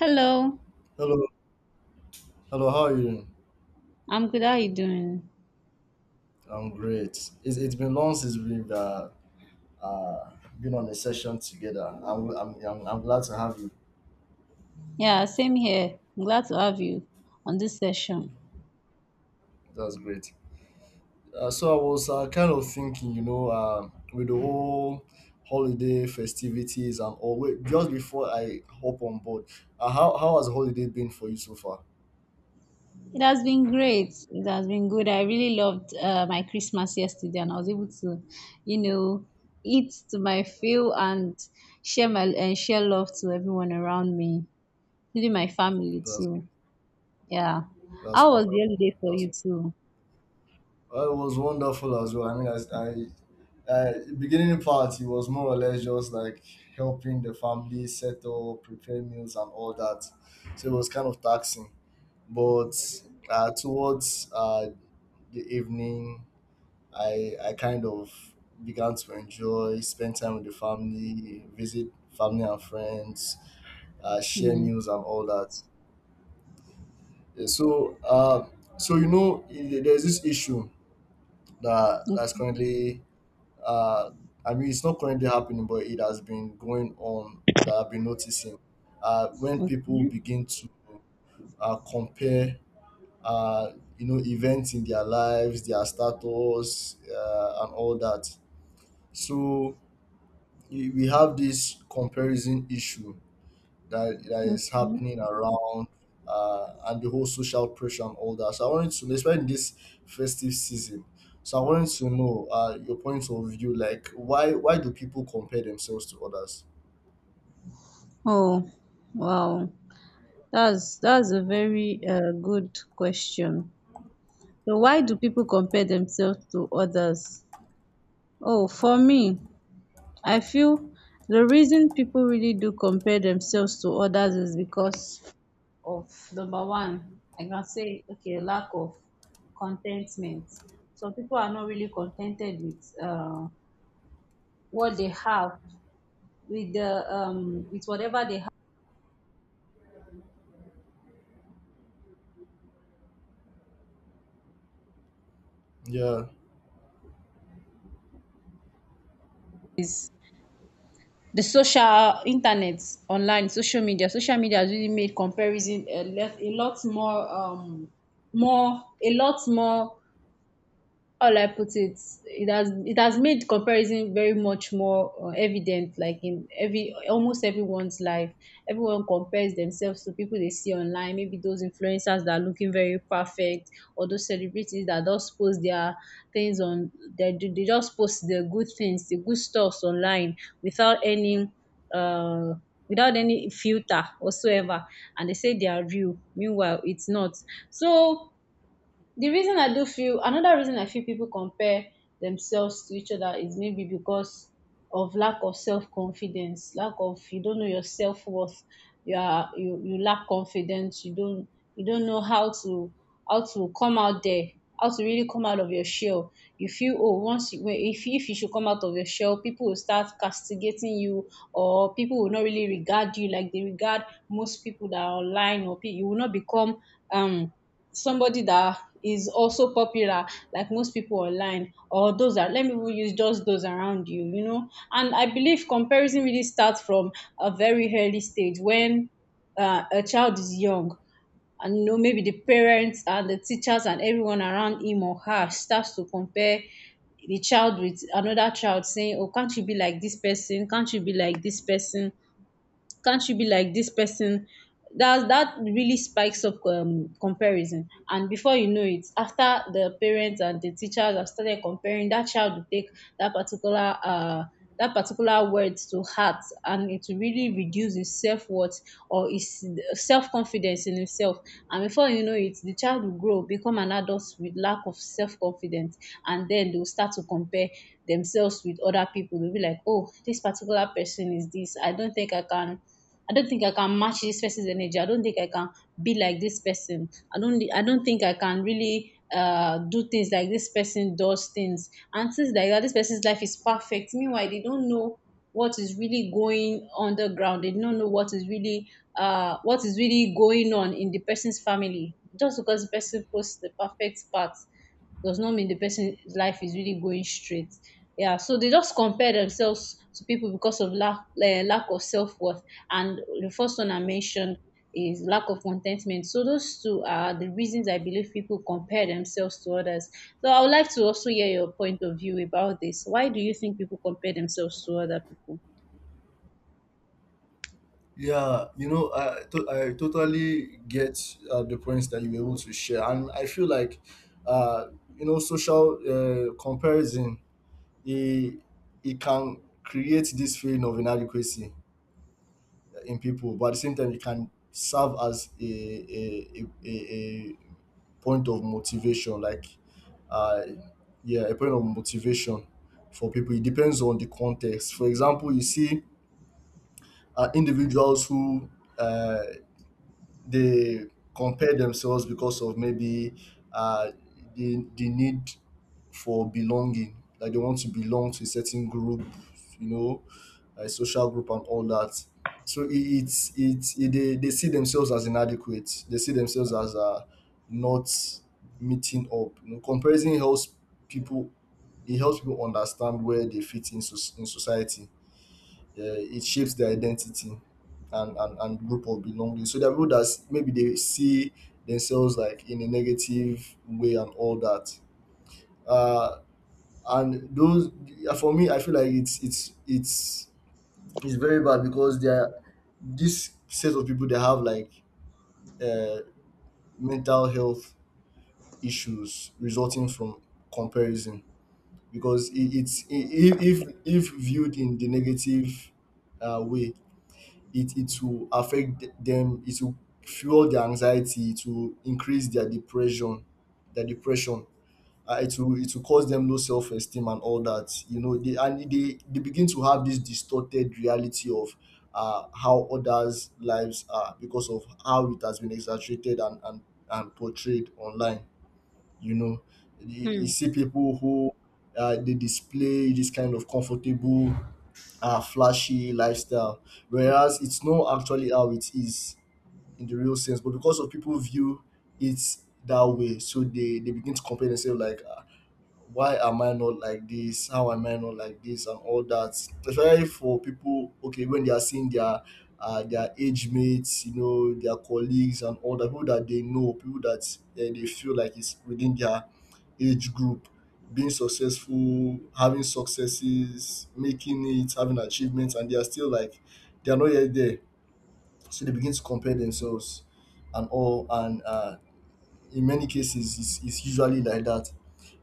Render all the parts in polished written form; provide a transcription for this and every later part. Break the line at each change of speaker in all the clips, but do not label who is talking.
Hello,
Hello, hello. How are you? Doing?
I'm good. How are you doing?
I'm great. It's been long since we've uh, been on a session together. I'm glad to have you.
Yeah, same here. I'm glad to have you on this session.
That's great. So I was kind of thinking, with the whole holiday festivities and all. Wait, just before I hop on board, how has holiday been for you so far?
It has been great. It has been good. I really loved my Christmas yesterday, and I was able to, you know, eat to my fill and share my and share love to everyone around me, including my family
That's
too. Yeah.
that's
How was the
wonderful.
holiday for
That's
you too?
it was wonderful as well. I mean, I uh, beginning part it was more or less just like helping the family settle, prepare meals and all that. So it was kind of taxing. But towards the evening, I kind of began to enjoy, spend time with the family, visit family and friends, share
Hmm.
meals and all that. Yeah. So you know, there's this issue that's
Okay.
currently uh, I mean, it's not currently happening, but it has been going on that I've been noticing. When people
Okay.
begin to compare, uh, you know, events in their lives, their status, and all that. So we have this comparison issue that is
Okay.
happening around, and the whole social pressure and all that. So I wanted to know, especially in this festive season. So I wanted to know your point of view, like why do people compare themselves to others?
Oh, wow. That's a very good question. So why do people compare themselves to others? Oh, for me, I feel the reason people really do compare themselves to others is because of number one, I can say, okay, lack of contentment. So people are not really contented with what they have, with the with whatever they have.
Yeah,
The social internet, online social media has really made comparison more a lot more. How I put it? It has made comparison very much more evident, like in every almost everyone's life. Everyone compares themselves to people they see online, maybe those influencers that are looking very perfect, or those celebrities that just post their things on, they just post the good things, the good stuffs online without any uh filter whatsoever, and they say they are real, meanwhile it's not. So the reason I do feel another reason I feel people compare themselves to each other is maybe because of lack of self confidence, lack of, you don't know your self worth. You lack confidence. You don't know how to come out there, how to really come out of your shell. You feel, oh, once you, when- if you should come out of your shell, people will start castigating you, or people will not really regard you like they regard most people that are online, you will not become um somebody that is also popular like most people online, or those that, let me even use just those around you, you know and I believe comparison really starts from a very early stage when a child is young, and maybe the parents and the teachers and everyone around him or her starts to compare the child with another child, saying, oh, can't you be like this person, can't you be like this person, can't you be like this person. That really spikes up comparison, and before you know it, after the parents and the teachers have started comparing, that child will take that particular uh that particular words to heart, and it will really reduce his self-worth or his self-confidence in himself. And before you know it, the child will grow, become an adult with lack of self-confidence. And then they'll start to compare themselves with other people. They'll be like, oh, this particular person is this, I don't think I can I don't think I can match this person's energy. I don't think I can be like this person. I don't think I can really do things like this person does things. And things like that, this person's life is perfect. Meanwhile, they don't know what is really going underground. They don't know what is really going on in the person's family. Just because the person posts the perfect parts does not mean the person's life is really going straight. Yeah, so they just compare themselves to people because of lack of self worth. And the first one I mentioned is lack of contentment. So those two are the reasons I believe people compare themselves to others. So I would like to also hear your point of view about this. Why do you think people compare themselves to other people?
yeah, You know, I totally get the points that you were able to share, and I feel like, uh, you know, social comparison, it it can create this feeling of inadequacy in people, but at the same time it can serve as a point of motivation, like uh yeah a point of motivation for people. It depends on the context. For example, you see individuals who uh they compare themselves because of maybe uh, the need for belonging, like they want to belong to a certain group, you know, a social group and all that. So it, it's it, they see themselves as inadequate. They see themselves as not meeting up. You know, comparison helps people. It helps people understand where they fit in, in society. It shapes their identity and, and group of belonging. So there are people that maybe they see themselves like in a negative way and all that. Uh, and those, yeah, for me, I feel like it's very bad because they are, this set of people, they have like uh, mental health issues resulting from comparison, because if if viewed in the negative way, it will affect them. It will fuel their anxiety, it will increase their depression, their depression it will cause them low self-esteem and all that. You know, they begin to have this distorted reality of how others' lives are, because of how it has been exaggerated and portrayed online, you know. You
Hmm.
see people who they display this kind of comfortable, flashy lifestyle, whereas it's not actually how it is in the real sense. But because of people view it that way, so they begin to compare themselves, like, why am I not like this? How am I not like this? And all that. Especially for people, okay, when they are seeing their age mates, you know, their colleagues and all the people that they know, people that they feel like it's within their age group, being successful, having successes, making it, having achievements, and they are still like, they are not yet there. So they begin to compare themselves and all. And in many cases, it's usually like that.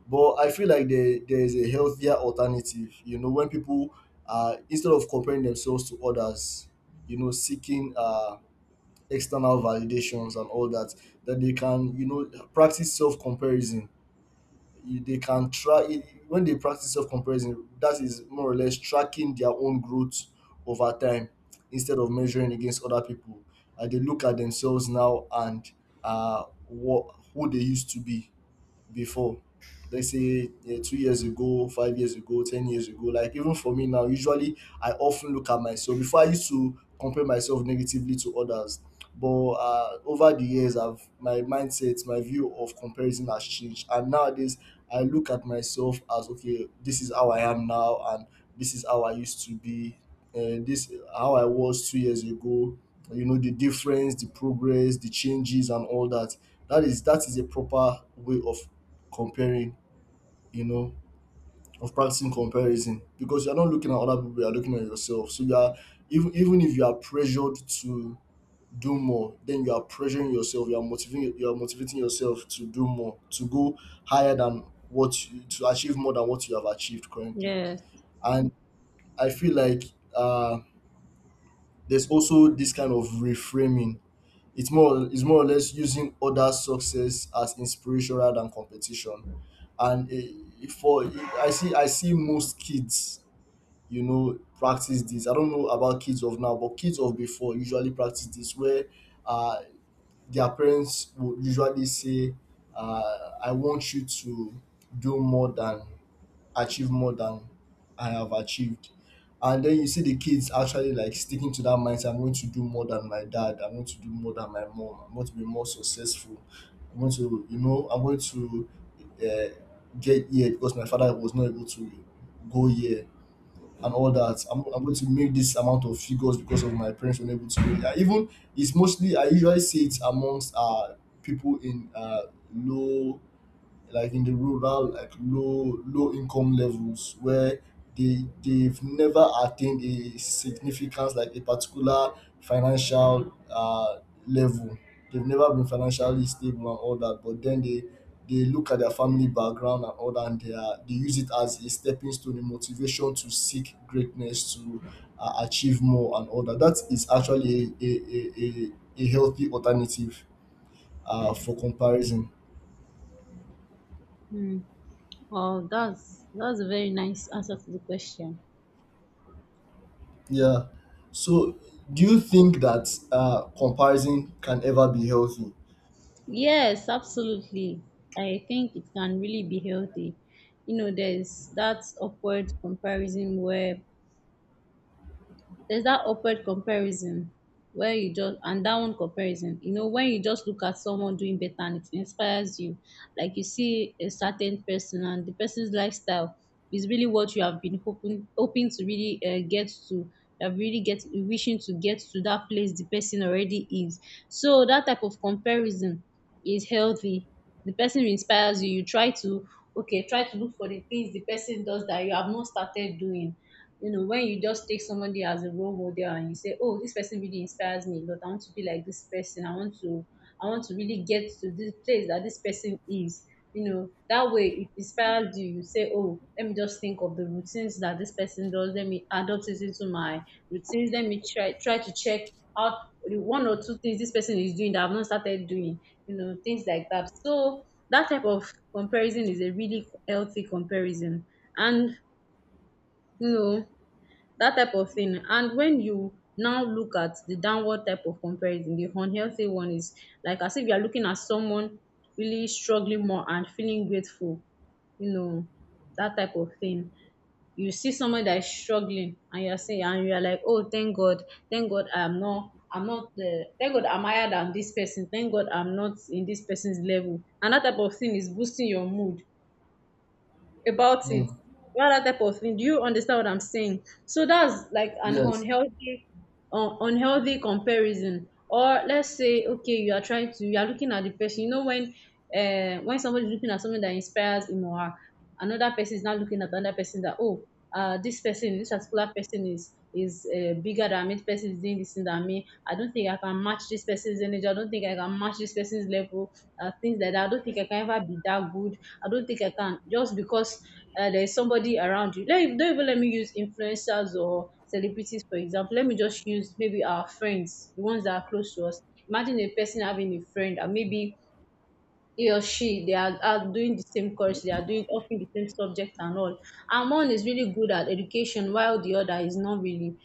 But I feel like there is a healthier alternative. You know, when people are, instead of comparing themselves to others, you know, seeking external validations and all that, that they can, you know, practice self comparison. They can try, when they practice self comparison, that is more or less tracking their own growth over time instead of measuring against other people. They look at themselves now and what who they used to be before. Let's say 2 years ago, 5 years ago, 10 years ago. Like, even for me now, usually I often look at myself. Before, I used to compare myself negatively to others, but over the years I've, my mindset, my view of comparison has changed, and nowadays I look at myself as, okay, this is how I am now, and this is how I used to be, this how I was 2 years ago. You know, the difference, the progress, the changes, and all that. That is, that is a proper way of comparing, you know, of practicing comparison, because you're not looking at other people, you're looking at yourself. So you are, even if you are pressured to do more, then you are pressuring yourself, you are motivating, you are motivating yourself to do more, to go higher than what you, to achieve more than what you have achieved currently.
Yes.
And I feel like uh there's also this kind of reframing. It's more, it's more or less using other success as inspiration rather than competition. And for, I see most kids, you know, practice this. I don't know about kids of now, but kids of before usually practice this, where uh their parents would usually say, I want you to do more than, achieve more than I have achieved. And then you see the kids actually like sticking to that mindset. I'm going to do more than my dad. I'm going to do more than my mom. I'm going to be more successful. I'm going to, you know, I'm going to uh, get here because my father was not able to go here and all that. I'm going to make this amount of figures because of my parents were not able to go here. Even, it's mostly I usually see it amongst people in low, like in the rural, like low income levels where they've never attained a significance, like a particular financial level, they've never been financially stable and all that, but then they look at their family background and all that, and they are, they use it as a stepping stone, a motivation to seek greatness, to achieve more and all that. That is actually a healthy alternative for comparison.
Hmm. Well, that's a very nice answer to the question.
Yeah. So, do you think that comparison can ever be healthy?
Yes, absolutely. I think it can really be healthy. You know, there's that upward comparison there's that upward comparison where you just and that one comparison, when you just look at someone doing better and it inspires you. Like, you see a certain person, and the person's lifestyle is really what you have been hoping to really get to. You have really get wishing to get to that place the person already is. So that type of comparison is healthy. The person inspires you. You try to okay try to look for the things the person does that you have not started doing. You know, when you just take somebody as a role model and you say, "Oh, this person really inspires me a lot. I want to be like this person. I want to really get to this place that this person is." You know, that way it inspires you. You say, "Oh, let me just think of the routines that this person does. Let me adopt it into my routines. Let me try to check out the one or two things this person is doing that I've not started doing. You know, things like that." So that type of comparison is a really healthy comparison, and, you know, dat type of thing. And when you now look at the downward type of comparison, the unhealthy one is like as if you are looking at someone really struggling more and feeling grateful. You know, that type of thing. You see someone that is struggling, and you are like, oh, thank god, thank god, I'm not, I'm not the, thank god, I'm higher than this person, thank god I'm not in this person's level, and that type of thing is boosting your mood about it.
Mm.
What other type of thing? Do you understand what I'm saying? So that's like an
Yes.
unhealthy, unhealthy comparison. Or let's say, okay, you are looking at the person. When somebody is looking at something that inspires him or her, another person is not looking at another person that, oh, this particular person is bigger than me, this person is doing this thing than me, I don't think I can match this person's energy, I don't think I can match this person's level, things like that, I don't think I can ever be that good, I don't think I can, just because there is somebody around you. Do Don't even, let me use influencers or celebrities, for example. Let me just use maybe our friends, the ones that are close to us. Imagine a person having a friend, and maybe he or she, they are doing the same course, they are doing often the same subject and all, and one is really good at education, while the other is not really.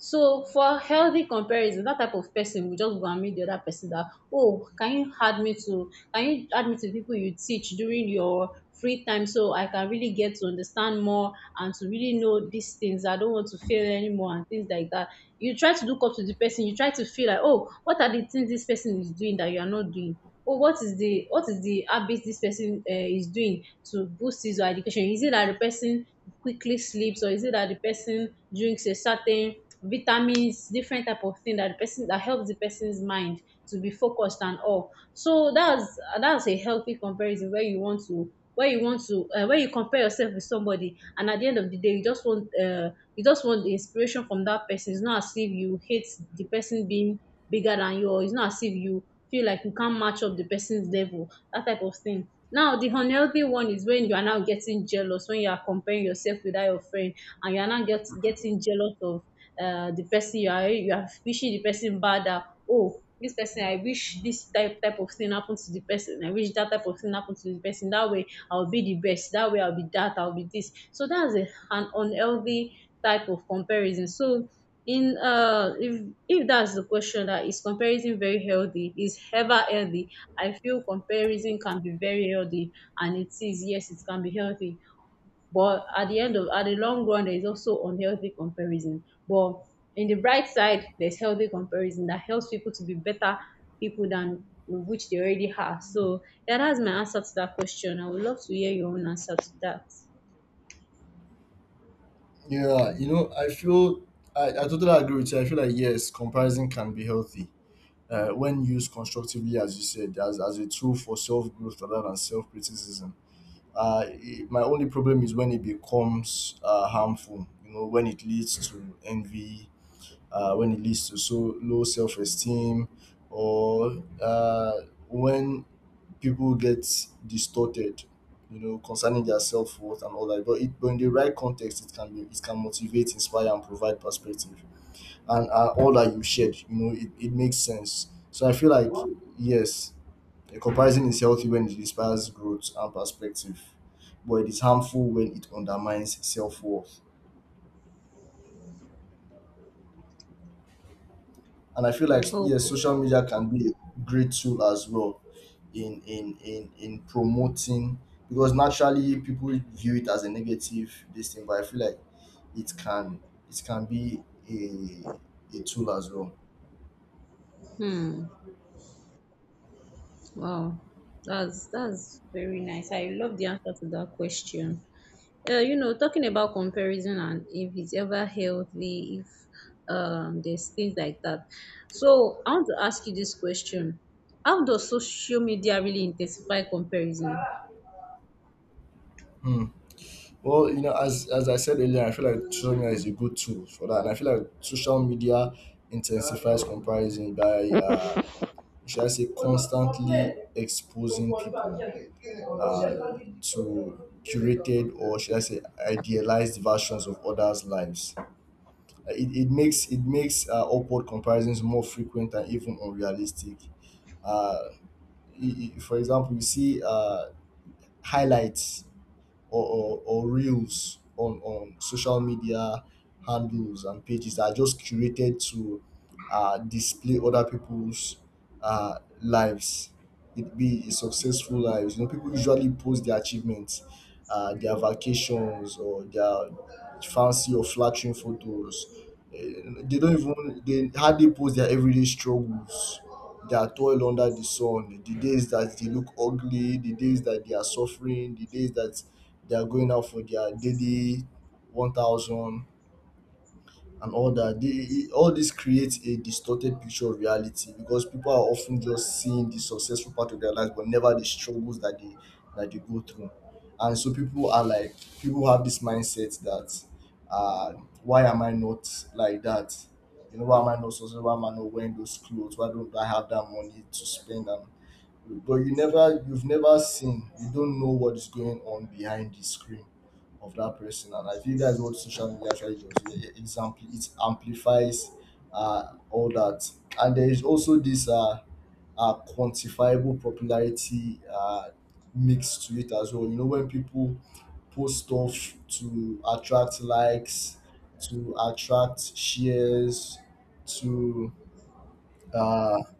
So for healthy comparison, that type of person will just go and meet the other person that, oh, can you add me to can you add me to people you teach during your free time, so I can really get to understand more and to really know these things, I don't want to fail anymore, and things like that. You try to look up to the person, you try to feel like, oh, what are the things this person is doing that you are not doing. Oh, what is the habit this person is doing to boost his or her education, is it that the person quickly sleeps, or is it that the person drinks a certain vitamins, different type of thing that the person that helps the person's mind to be focused, and all. So that's a healthy comparison, where you want to, where you compare yourself with somebody, and at the end of the day, you just want the inspiration from that person. It's not as if you hate the person being bigger than you, it's not as if you feel like you can't match up the person's level, that type of thing. Now the unhealthy one is when you are now getting jealous, when you are comparing yourself with that your friend, and you are now getting jealous of the person, you are wishing the person bad, that, oh, this person, I wish this type of thing happened to the person, I wish that type of thing happened to the person, that way I'll be the best, that way I'll be that, I'll be this. So that's an unhealthy type of comparison. So in if that's the question, that is comparison very healthy, is ever healthy, I feel comparison can be very healthy, and it is, yes, it can be healthy, but at the end of at the long run there is also unhealthy comparison, but in the bright side there's healthy comparison that helps people to be better people than which they already are. So, yeah, that's my answer to that question. I would love to hear your own answer to that.
Yeah, you know, I feel, I totally agree with you. I feel like yes, comparison can be healthy when used constructively, as you said, as a tool for self growth rather than self criticism. My only problem is when it becomes harmful. You know, when it leads to envy, when it leads to so low self esteem, or when people get distorted, you know, concerning their self worth and all that. But, it, but in the right context, it can be, it can motivate, inspire, and provide perspective. And all that you shared, you know, it makes sense. So I feel like yes, a comparison is healthy when it inspires growth and perspective, but it is harmful when it undermines self worth. And I feel like
Oh.
yes, social media can be a great tool as well in promoting, because naturally people view it as a negative, this thing, but I feel like it can, it can be a tool as well.
Hmm. Wow. That's very nice. I love the answer to that question. Talking about comparison and if it's ever healthy, if there's things like that. So I want to ask you this question: how does social media really intensify comparison?
Hmm. Well, you know, as I said earlier, I feel like social media is a good tool for that, and I feel like social media intensifies comparison by should I say constantly exposing people uh, to curated, or should I say idealized versions of others' lives. It makes, it makes upward comparisons more frequent and even unrealistic. Uh, for example, you see highlights or, or reels on social media handles and pages that are just curated to display other people's lives. It be a successful lives. You know, people usually post their achievements, their vacations, or their fancy or flattering photos. They don't even, they hardly post their everyday struggles, their toil under the sun, the days that they look ugly, the days that they are suffering, the days that they are going out for their daily 1,000 and all that. They, all this creates a distorted picture of reality, because people are often just seeing the successful part of their lives, but never the struggles that they go through. And so people are like, people have this mindset that uh why am I not like that. You know, why am I not successful, why am I not wearing those clothes, why don't I have that money to spend. And but you never, you've never seen, you don't know what is going on behind the screen of that person. And I think that's what social media actually does. It amplifies all that. And there is also this quantifiable popularity mix to it as well. You know, when people post stuff to attract likes, to attract shares, to uh,